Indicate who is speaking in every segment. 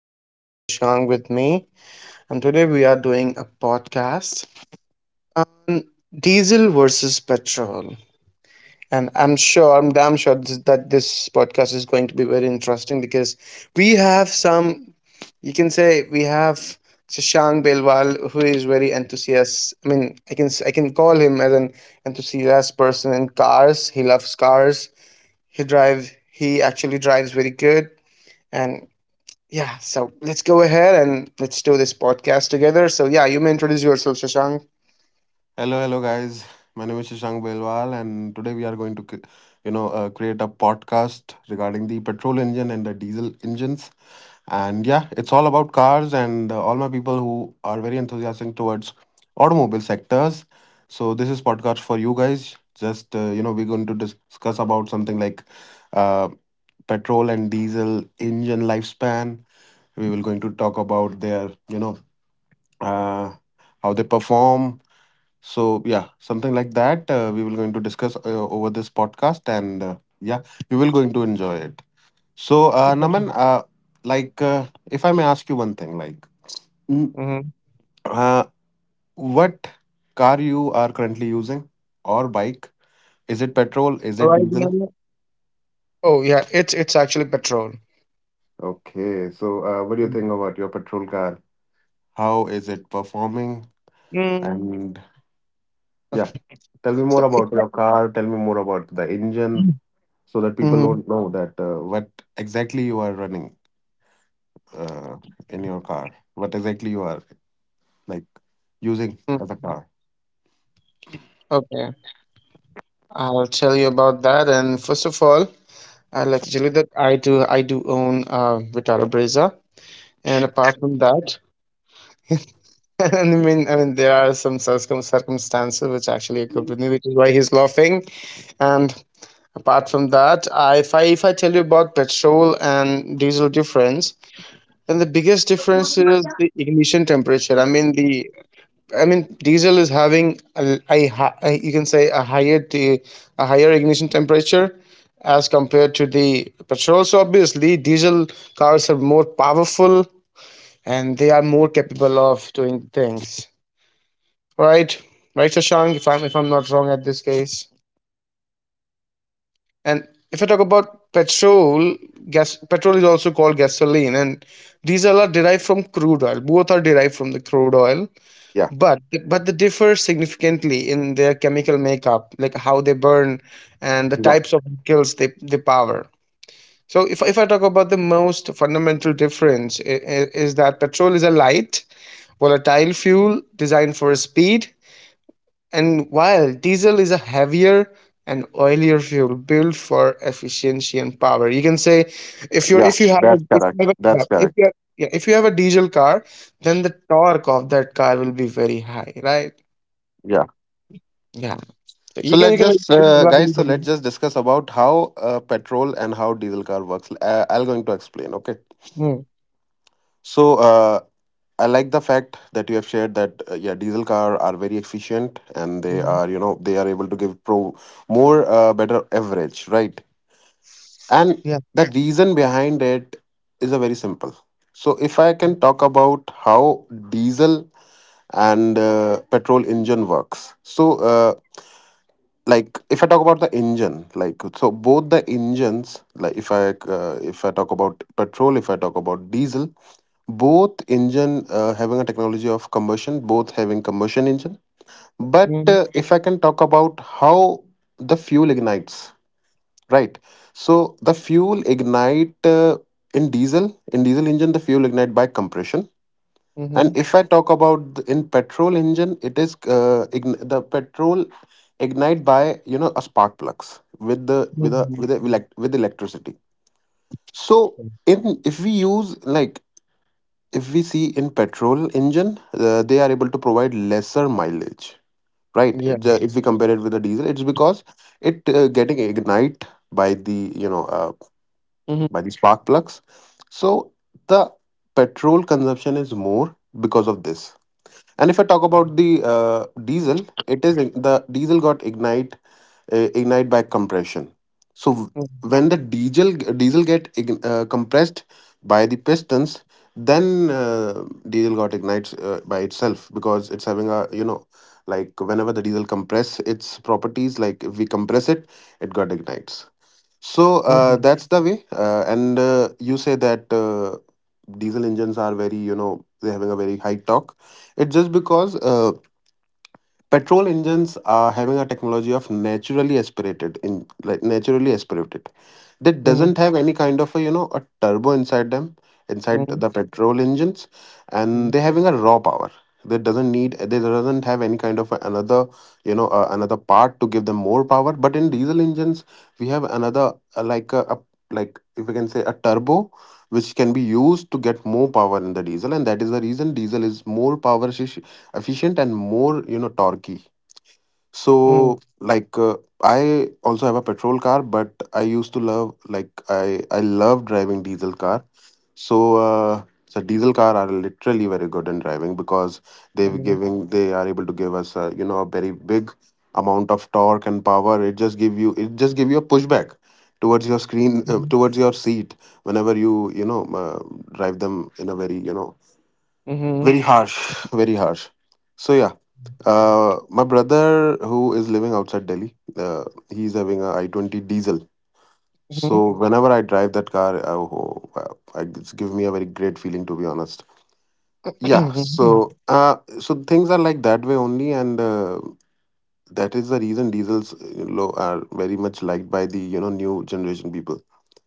Speaker 1: I have Shashank with me. And today we are doing a podcast, Diesel versus Petrol. And I'm sure, I'm damn sure that this podcast is going to be very interesting because we have some, you can say, we have Shashank Belwal, who is very enthusiast. I mean, I can call him as an enthusiast person in cars. He loves cars. He actually drives very good and Yeah, so let's go ahead and let's do this podcast together. So yeah, you may introduce yourself, Shashank.
Speaker 2: Hello, hello, guys. My name is Shashank Belwal, and today we are going to, c- you know, create a podcast regarding the petrol engine and the diesel engines. And yeah, it's all about cars and all my people who are very enthusiastic towards automobile sectors. So this is podcast for you guys. Just we're going to discuss about something like uh, petrol and diesel engine lifespan. We will going to talk about uh, how they perform. So yeah, something like that we will going to discuss over this podcast, and yeah, you will going to enjoy it. So Naman, like if I may ask you one thing, like mm,
Speaker 1: Mm-hmm.
Speaker 2: uh, what car you are currently using or bike? Is it petrol? Is
Speaker 1: Right
Speaker 2: it diesel?
Speaker 1: now, oh yeah, it's actually petrol.
Speaker 2: Okay, so what do you
Speaker 1: Mm.
Speaker 2: think about your petrol car? How is it performing?
Speaker 1: Mm,
Speaker 2: And yeah,
Speaker 1: Okay,
Speaker 2: tell me more
Speaker 1: so if
Speaker 2: about
Speaker 1: I,
Speaker 2: your car. Tell me more about the engine. So that people
Speaker 1: mm-hmm.
Speaker 2: don't know that what exactly you are running uh, in your car, what exactly you are like using
Speaker 1: mm,
Speaker 2: as a car.
Speaker 1: okay, I'll tell you about that. And first of all, I would like to tell you that I do own Vitara Brezza, and apart from that, I mean there are some circumstances which actually occurred with me, which is why he's laughing. And apart from that, I, if I tell you about petrol and diesel difference, then the biggest difference is the ignition temperature. I mean diesel is having a, a, hi- a you can say a higher ignition temperature as compared to the petrol. So obviously, diesel cars are more powerful and they are more capable of doing things. Right, right, Shashank, if I'm not wrong at this case. And if I talk about petrol, gas petrol is also called gasoline, and diesel are derived from crude oil. Both are derived from the crude oil,
Speaker 2: Yeah,
Speaker 1: but but they differ significantly in their chemical makeup, like how they burn and the
Speaker 2: yeah,
Speaker 1: types of vehicles they power. So if I talk about the most fundamental difference is that petrol is a light, volatile fuel designed for speed, and while diesel is a heavier and oilier fuel built for efficiency and power. You can say,
Speaker 2: yeah. That's
Speaker 1: if you
Speaker 2: correct.
Speaker 1: have a,
Speaker 2: That's
Speaker 1: if you
Speaker 2: correct.
Speaker 1: have, yeah, if you have a diesel car, then the torque of that car will be very high, right?
Speaker 2: Yeah.
Speaker 1: Yeah. So you
Speaker 2: So
Speaker 1: can you
Speaker 2: let's
Speaker 1: can
Speaker 2: just guys.
Speaker 1: elaborate
Speaker 2: So
Speaker 1: on
Speaker 2: let's
Speaker 1: that.
Speaker 2: just discuss about how petrol and how diesel car works. I will going to explain. Okay.
Speaker 1: Mm,
Speaker 2: So I like the fact that you have shared that yeah, diesel car are very efficient and they
Speaker 1: mm,
Speaker 2: are they are able to give pro more better average, right? And
Speaker 1: Yeah.
Speaker 2: the reason behind it is a very simple. So, if I can talk about how diesel and petrol engine works. So, like if I talk about the engine, like so both the engines, like if I talk about petrol, if I talk about diesel, both engine having a technology of combustion, both having combustion engine. But
Speaker 1: Mm,
Speaker 2: if I can talk about how the fuel ignites. Right. So the fuel ignite in diesel. In diesel engine, the fuel ignite by compression.
Speaker 1: mhm,
Speaker 2: And if I talk about in petrol engine, the petrol ignite by a spark plugs with the
Speaker 1: mhm,
Speaker 2: with a, elect- with electricity. So in if we use like if we see in petrol engine, they are able to provide lesser mileage. Right.
Speaker 1: Yeah.
Speaker 2: If we compare it with the diesel, it's because it getting ignite by the you know uh,
Speaker 1: Mhm,
Speaker 2: by the spark plugs. So the petrol consumption is more because of this. And if I talk about the diesel, it is the diesel got ignite by compression. So
Speaker 1: mhm,
Speaker 2: when the diesel get compressed by the pistons, then diesel got ignites by itself because it's having a like whenever the diesel compress its properties like if we compress it, it got ignites. So
Speaker 1: mhm,
Speaker 2: that's the way. And you say that diesel engines are very, they're having a very high torque. It's just because petrol engines are having a technology of naturally aspirated in like naturally aspirated that doesn't
Speaker 1: mhm,
Speaker 2: have any kind of a a turbo inside them inside
Speaker 1: mhm,
Speaker 2: the petrol engines, and
Speaker 1: mhm,
Speaker 2: they're having a raw power. They doesn't need they doesn't have any kind of another another part to give them more power, but in diesel engines we have another like a like if we can say a turbo, which can be used to get more power in the diesel, and that is the reason diesel is more power efficient and more torquey. So, like, I also have a petrol car, but I used to love, like, I love driving diesel car. So diesel car are literally very good in driving because they're
Speaker 1: mhm,
Speaker 2: giving, they are able to give us, a very big amount of torque and power. It just give you a pushback towards your screen,
Speaker 1: mhm,
Speaker 2: towards your seat whenever you, drive them in a very,
Speaker 1: mhm,
Speaker 2: very harsh, very harsh. So yeah, my brother who is living outside Delhi, he's having a i20 diesel.
Speaker 1: mhm, mhm,
Speaker 2: So whenever I drive that car, oh, wow, it's give me a very great feeling to be honest. Yeah.
Speaker 1: mhm.
Speaker 2: So so things are like that way only, and that is the reason diesels are very much liked by the new generation people.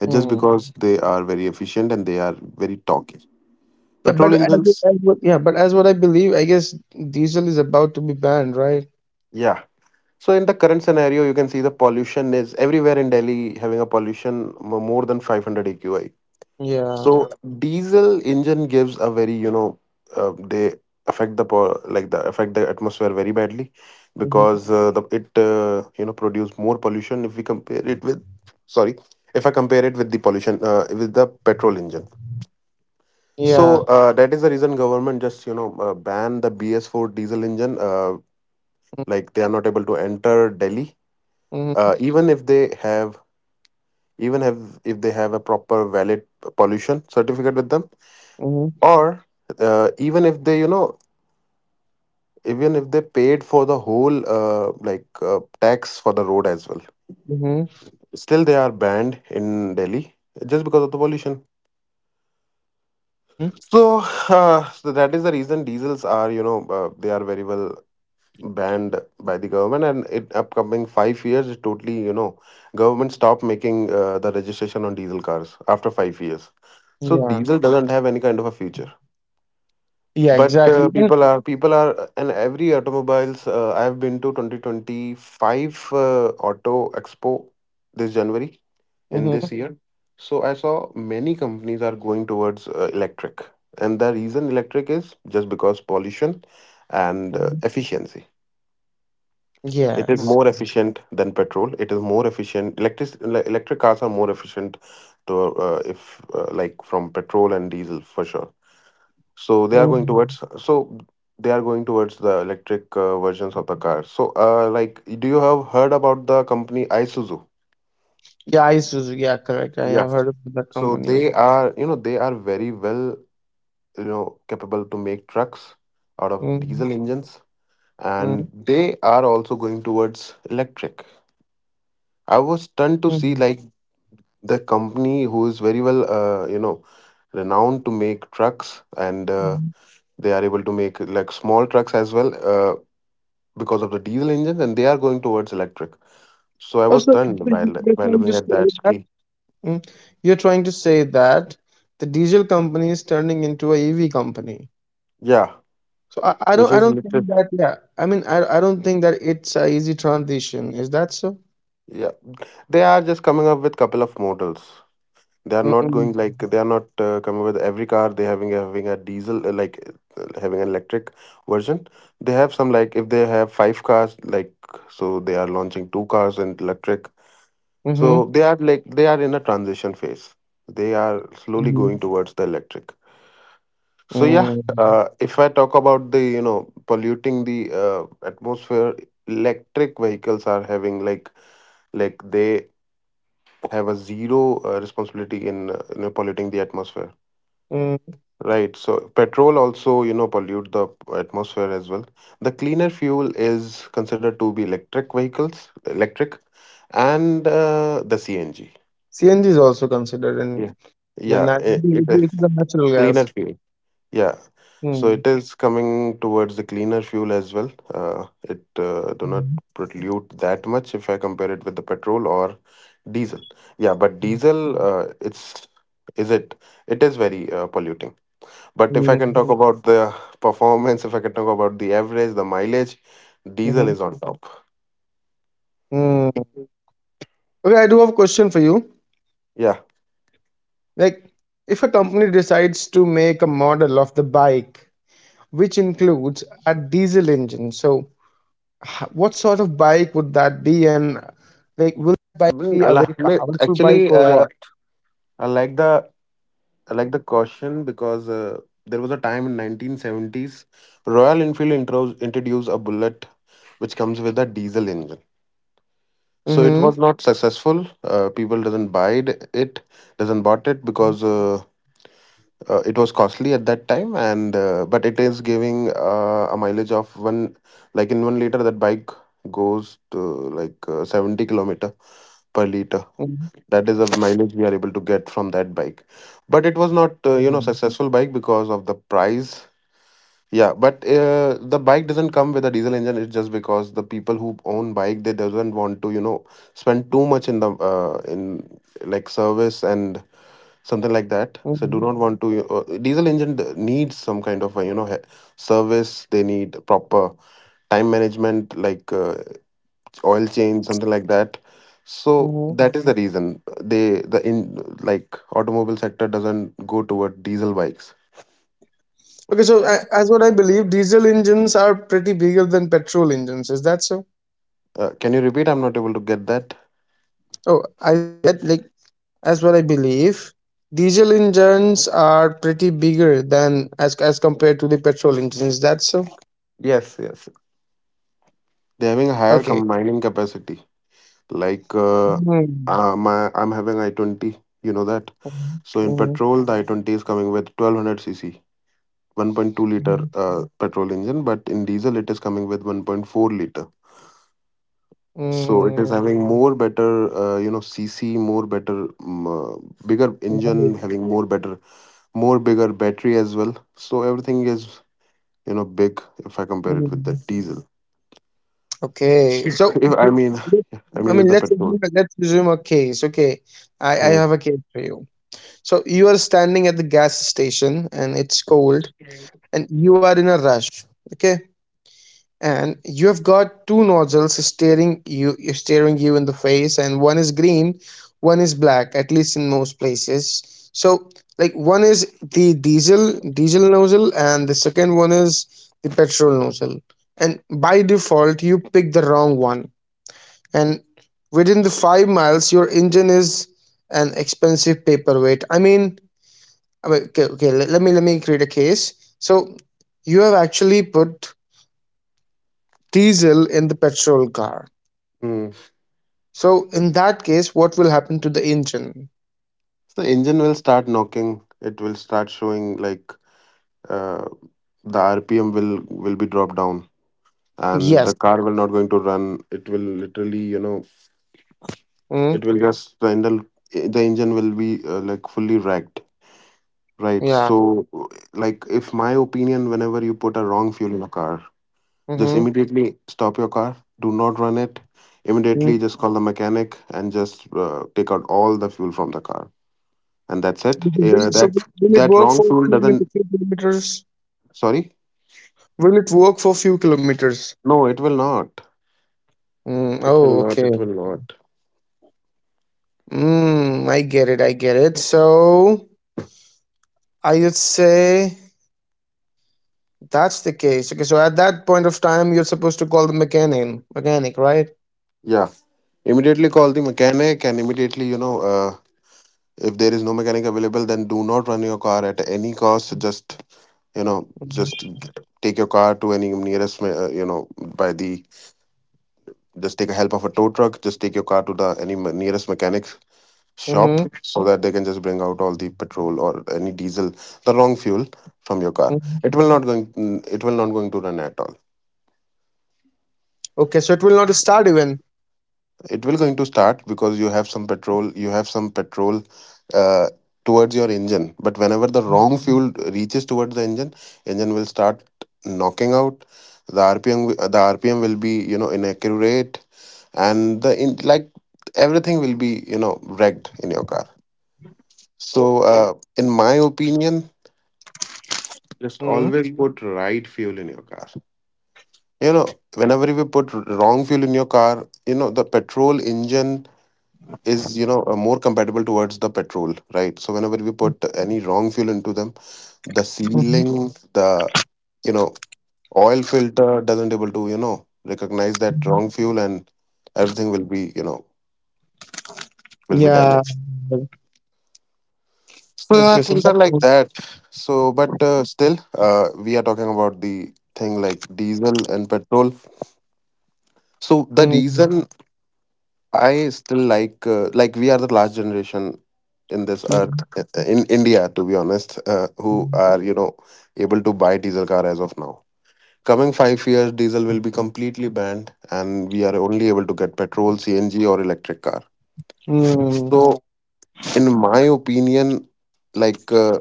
Speaker 2: It's just
Speaker 1: mhm.
Speaker 2: because they are very efficient and they are very talky.
Speaker 1: Yeah,
Speaker 2: Petrol
Speaker 1: but
Speaker 2: engines.
Speaker 1: yeah, but as what I believe, I guess diesel is about to be banned, right?
Speaker 2: Yeah. So in the current scenario, you can see the pollution is everywhere in Delhi, having a pollution more than 500 AQI.
Speaker 1: Yeah.
Speaker 2: So diesel engine gives a very they affect the po- like the affect the atmosphere very badly,
Speaker 1: hmm
Speaker 2: because the it you know produce more pollution if we compare it with, sorry, if I compare it with the pollution with the petrol engine. So
Speaker 1: Yeah.
Speaker 2: that is the reason government just ban the BS4 diesel engine. Like they are not able to enter Delhi,
Speaker 1: Mm-hmm.
Speaker 2: even if they have even have if they have a proper valid pollution certificate with them,
Speaker 1: Mm-hmm.
Speaker 2: or uh, even if they you know even if they paid for the whole like tax for the road as well,
Speaker 1: Mm-hmm.
Speaker 2: still they are banned in Delhi just because of the pollution.
Speaker 1: Mm-hmm.
Speaker 2: So, uh, so that is the reason diesels are they are very well banned by the government, and in upcoming 5 years is totally government stopped making the registration on diesel cars after 5 years. So
Speaker 1: Yeah.
Speaker 2: diesel doesn't have any kind of a future,
Speaker 1: Yeah.
Speaker 2: but
Speaker 1: Exactly. And
Speaker 2: people are and every automobiles, I have been to 2025 auto expo this january in
Speaker 1: Mm-hmm.
Speaker 2: this year. So I saw many companies are going towards electric, and the reason electric is just because pollution and
Speaker 1: Mm-hmm.
Speaker 2: efficiency. It is
Speaker 1: Yes.
Speaker 2: more efficient than petrol. It is more efficient. Electric cars are more efficient to if like from petrol and diesel for sure. So they are going
Speaker 1: Mm-hmm.
Speaker 2: towards, the electric versions of the car. So like do you have heard about the company Isuzu?
Speaker 1: Yeah, Isuzu. Yeah, correct. I
Speaker 2: Yeah.
Speaker 1: have heard of that
Speaker 2: So
Speaker 1: company.
Speaker 2: they are very well capable to make trucks out of
Speaker 1: Mm-hmm.
Speaker 2: diesel engines,
Speaker 1: Mm-hmm.
Speaker 2: and they are also going towards electric. I was stunned to see like the company who is very well renowned to make trucks and
Speaker 1: Mm-hmm.
Speaker 2: they are able to make like small trucks as well, because of the diesel engines, and they are going towards electric. So I was
Speaker 1: Also, you're
Speaker 2: stunned by
Speaker 1: trying to
Speaker 2: looking at
Speaker 1: say
Speaker 2: that
Speaker 1: that
Speaker 2: key.
Speaker 1: mm, you're trying to say that the diesel company is turning into a EV company.
Speaker 2: Yeah,
Speaker 1: So I, I
Speaker 2: which
Speaker 1: don't I
Speaker 2: is
Speaker 1: don't think
Speaker 2: literal.
Speaker 1: that, yeah, I don't think that it's a easy transition. Is that so?
Speaker 2: Yeah, they are just coming up with couple of models. They are not
Speaker 1: Mm-hmm.
Speaker 2: coming with every car. They having a diesel, like having an electric version. They have some, like if they have five cars, like, so they are launching two cars and electric. So
Speaker 1: Mm-hmm.
Speaker 2: they are like they are in a transition phase. They are slowly
Speaker 1: mm
Speaker 2: going towards the electric. So yeah, if I talk about the polluting the atmosphere, electric vehicles are having like they have a zero responsibility in polluting the atmosphere.
Speaker 1: mm
Speaker 2: Right. So petrol also, pollute the atmosphere as well. The cleaner fuel is considered to be electric vehicles, electric, and the CNG.
Speaker 1: CNG is also considered and
Speaker 2: Yeah.
Speaker 1: yeah,
Speaker 2: Yeah, it,
Speaker 1: naturally
Speaker 2: it is
Speaker 1: it is a natural
Speaker 2: cleaner
Speaker 1: gas.
Speaker 2: fuel. Yeah. So
Speaker 1: Mm.
Speaker 2: it is coming towards the cleaner fuel as well. It do not pollute that much if I compare it with the petrol or diesel. Yeah, but diesel, is it it is very polluting. But if I can
Speaker 1: Mm,
Speaker 2: talk about the performance, if I can talk about the average, the mileage, diesel
Speaker 1: mhm,
Speaker 2: is on top.
Speaker 1: mm. Okay, I do have a question for you.
Speaker 2: Yeah.
Speaker 1: Like, if a company decides to make a model of the bike which includes a diesel engine, so what sort of bike would that
Speaker 2: Actually, I like the I like the caution, because there was a time in 1970s Royal Enfield introduced a bullet which comes with a diesel engine. So it was not successful. People doesn't buy it, it doesn't bought it because it was costly at that time, and but it is giving a mileage of one, like in 1 liter, that bike goes to like 70 kilometer per liter.
Speaker 1: Mhm,
Speaker 2: That is a mileage we are able to get from that bike. But it was not,
Speaker 1: mhm,
Speaker 2: successful bike because of the price. Yeah, but the bike doesn't come with a diesel engine. It's just because the people who own bike they doesn't want to, spend too much in the in like service and something like that, so do
Speaker 1: mhm,
Speaker 2: not want to diesel engine needs some kind of service. They need proper time management like oil change, something like that. So
Speaker 1: mhm.
Speaker 2: that is the reason they the in like automobile sector doesn't go toward diesel bikes.
Speaker 1: Okay, so as what I believe, diesel engines are pretty bigger than petrol engines. Is that so?
Speaker 2: Can you repeat? I'm not able to get that.
Speaker 1: Oh, I get like, as what I believe, diesel engines are pretty bigger than as compared to the petrol engines. Is that so?
Speaker 2: Yes, yes. They're having a higher
Speaker 1: Okay.
Speaker 2: combining capacity like
Speaker 1: Mhm,
Speaker 2: my I'm having i20, you know that.
Speaker 1: mhm,
Speaker 2: So in
Speaker 1: mhm,
Speaker 2: petrol the i20 is coming with 1200 cc, 1.2 liter petrol engine, but in diesel it is coming with 1.4 liter. So it is
Speaker 1: mhm,
Speaker 2: having more better cc, more better, um, uh, bigger
Speaker 1: got
Speaker 2: engine
Speaker 1: it.
Speaker 2: having more better, more bigger battery as well, so everything is, you know, big if I compare it with the
Speaker 1: Mhm.
Speaker 2: diesel.
Speaker 1: Okay, so
Speaker 2: if I mean I mean with the petrol.
Speaker 1: let's assume a case. Okay, I
Speaker 2: Hmm.
Speaker 1: have a case for you. So you are standing at the gas station and it's cold and you are in a rush. Okay. And you have got two nozzles staring you you're staring you in the face and one is green, one is black, at least in most places. So like one is the diesel nozzle and the second one is the petrol nozzle. And by default you pick the wrong one. And within the 5 miles your engine is an expensive paperweight. I mean I okay, let me create a case. So you have actually put diesel in the petrol car.
Speaker 2: Hmm.
Speaker 1: So in that case, what will happen to the engine?
Speaker 2: So the engine will start knocking. It will start showing like uh, the rpm will be dropped down, and
Speaker 1: Yes.
Speaker 2: the car will not going to run. It will literally, you know,
Speaker 1: Mm,
Speaker 2: it will just, the engine will be like fully wrecked, right?
Speaker 1: yeah.
Speaker 2: So like if my opinion, whenever you put a wrong fuel in a car, just
Speaker 1: Mm-hmm.
Speaker 2: immediately stop your car, do not run it,
Speaker 1: Mm.
Speaker 2: immediately just call the mechanic, and just take out all the fuel from the car, and that's it.
Speaker 1: Will,
Speaker 2: uh,
Speaker 1: so
Speaker 2: that
Speaker 1: will it
Speaker 2: that
Speaker 1: work
Speaker 2: wrong
Speaker 1: for a
Speaker 2: fuel doesn't,
Speaker 1: few kilometers?
Speaker 2: sorry.
Speaker 1: Will it work for few kilometers?
Speaker 2: No, it will not,
Speaker 1: Mm,
Speaker 2: it will
Speaker 1: oh,
Speaker 2: not, it
Speaker 1: okay.
Speaker 2: will not.
Speaker 1: Mm, I get it. I get it. So I would say that's the case. Okay. So at that point of time, you're supposed to call the mechanic, mechanic, right?
Speaker 2: Yeah, immediately call the mechanic and immediately, you know, if there is no mechanic available, then do not run your car at any cost. Just, you know, take your car to any nearest you know, by the just take a help of a tow truck. Just take your car to the any nearest mechanic shop,
Speaker 1: Mm-hmm.
Speaker 2: so that they can just bring out all the petrol or any diesel, the wrong fuel from your car. it
Speaker 1: Mm-hmm.
Speaker 2: will not going it will not going to run at all.
Speaker 1: Okay, so it will not start even.
Speaker 2: It will going to start because you have some petrol, you have some petrol, uh, towards your engine, but whenever the wrong fuel reaches towards the engine, engine will start knocking out. The rpm will be, you know, inaccurate, and like everything will be, you know, wrecked in your car. So
Speaker 1: Oh,
Speaker 2: in my opinion, just
Speaker 1: Mm-hmm.
Speaker 2: always put right fuel in your car, you know. Whenever we put wrong fuel in your car, you know, the petrol engine is, you know, more compatible towards the petrol, right? So whenever we put any wrong fuel into them, the sealing the you know, oil filter doesn't able to, you know, recognize that wrong fuel, and everything will be, you know, will be
Speaker 1: Yeah.
Speaker 2: damaged. So yeah,
Speaker 1: Okay, so
Speaker 2: things are
Speaker 1: that's
Speaker 2: like
Speaker 1: good.
Speaker 2: that. So but still we are talking about the thing like diesel and petrol. So the
Speaker 1: Mm,
Speaker 2: reason I still like we are the last generation in this earth,
Speaker 1: mm,
Speaker 2: in India, to be honest, who
Speaker 1: mm,
Speaker 2: are, you know, able to buy diesel car as of now. Coming 5 years, diesel will be completely banned, and we are only able to get petrol, CNG, or electric car.
Speaker 1: mm,
Speaker 2: So, in my opinion, like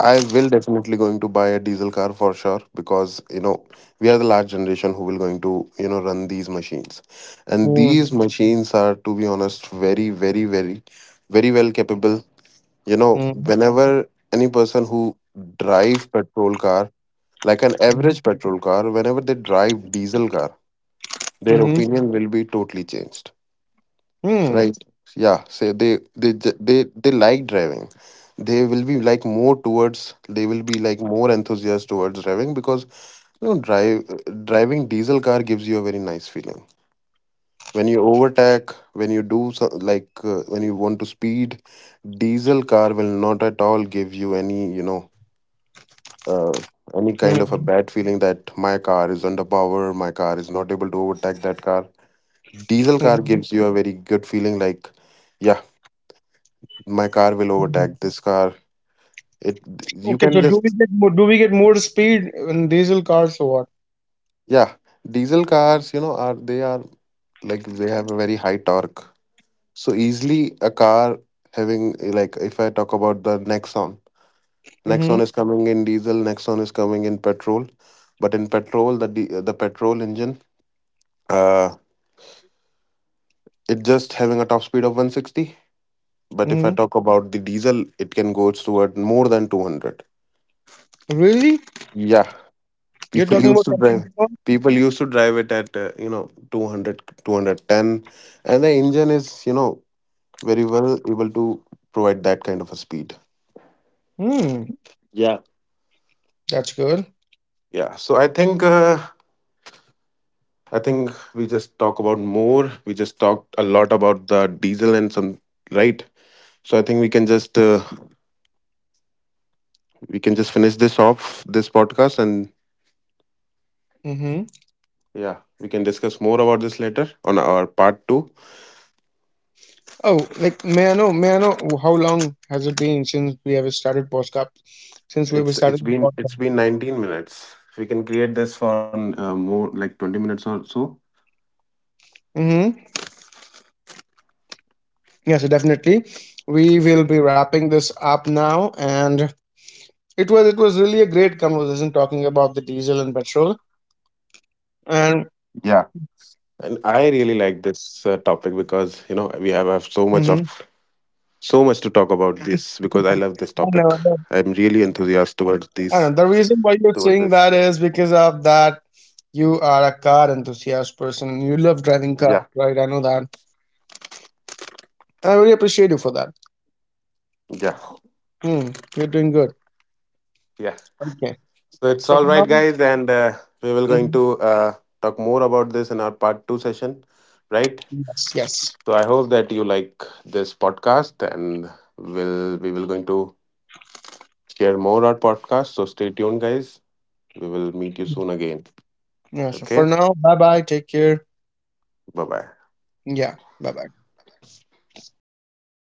Speaker 2: I will definitely going to buy a diesel car for sure, because you know, we are the last generation who will going to, you know, run these machines, and
Speaker 1: mm,
Speaker 2: these machines are, to be honest, very, very, very well capable. You know, whenever any person who drive petrol car, like an average petrol car, whenever they drive diesel car, their
Speaker 1: mm,
Speaker 2: opinion will be totally changed,
Speaker 1: mm,
Speaker 2: right? Yeah, say they like driving. They will be like more towards, they will be like more enthusiastic towards driving because you know, drive driving diesel car gives you a very nice feeling. When you overtake, when you do so, like when you want to speed, diesel car will not at all give you any, you know, uh, any kind of a bad feeling that my car is underpowered, my car is not able to overtake that car. Diesel car
Speaker 1: mm,
Speaker 2: gives you a very good feeling, like yeah, my car will
Speaker 1: mm.
Speaker 2: overtake this car. It, you
Speaker 1: Okay,
Speaker 2: can
Speaker 1: so
Speaker 2: just
Speaker 1: do we get more speed in diesel cars or what?
Speaker 2: yeah, diesel cars, you know, are they are like they have a very high torque. So easily a car having like, if I talk about the Nexon, Nexon
Speaker 1: Mm-hmm.
Speaker 2: is coming in diesel, Nexon is coming in petrol, but in petrol the petrol engine, uh it just having a top speed of 160, but if I
Speaker 1: Mm-hmm.
Speaker 2: talk about the diesel, it can go toward more than 200.
Speaker 1: Really?
Speaker 2: Yeah,
Speaker 1: You're
Speaker 2: people
Speaker 1: talking
Speaker 2: used
Speaker 1: about
Speaker 2: to drive,
Speaker 1: petrol? One?
Speaker 2: people used to drive it at you know, 200, 210, and the engine is, you know, very well able to provide that kind of a speed.
Speaker 1: Hmm.
Speaker 2: Yeah.
Speaker 1: That's good.
Speaker 2: Yeah, so I think we just talked a lot about the diesel and some, right? So I think we can just finish this off, this podcast, and
Speaker 1: Mm-hmm.
Speaker 2: yeah, we can discuss more about this later on our part 2.
Speaker 1: Oh, like May I know how long has it been since we have started podcast? Since we have
Speaker 2: It's it's
Speaker 1: started.
Speaker 2: been it's been 19 minutes. We can create this for more like 20 minutes or so.
Speaker 1: Mm-hmm. Yes, definitely. We will be wrapping this up now, and it was really a great conversation talking about the diesel and petrol.
Speaker 2: Yeah. And
Speaker 1: And
Speaker 2: I really like this topic, because you know we have so much of, so much
Speaker 1: mm-hmm.
Speaker 2: to talk about this, because I love this topic. I'm
Speaker 1: I
Speaker 2: really
Speaker 1: know,
Speaker 2: enthusiastic towards these
Speaker 1: I know.
Speaker 2: towards
Speaker 1: The
Speaker 2: this.
Speaker 1: reason why you're saying that is because of that you are a car enthusiast person. And you love
Speaker 2: Yeah,
Speaker 1: driving cars, right? I know that. I really appreciate you for that.
Speaker 2: yeah,
Speaker 1: Mm, you're doing good.
Speaker 2: yeah.
Speaker 1: Okay.
Speaker 2: So it's
Speaker 1: So
Speaker 2: all
Speaker 1: for
Speaker 2: right,
Speaker 1: now,
Speaker 2: guys, and we will going
Speaker 1: hmm,
Speaker 2: to talk more about this in our part two session, right?
Speaker 1: yes, yes,
Speaker 2: So I hope that you like this podcast, and will we will going to share more our podcast. So stay tuned, guys. We will meet you soon again.
Speaker 1: yeah. So for
Speaker 2: Okay,
Speaker 1: now, bye bye. Take care.
Speaker 2: bye bye.
Speaker 1: Yeah, bye bye.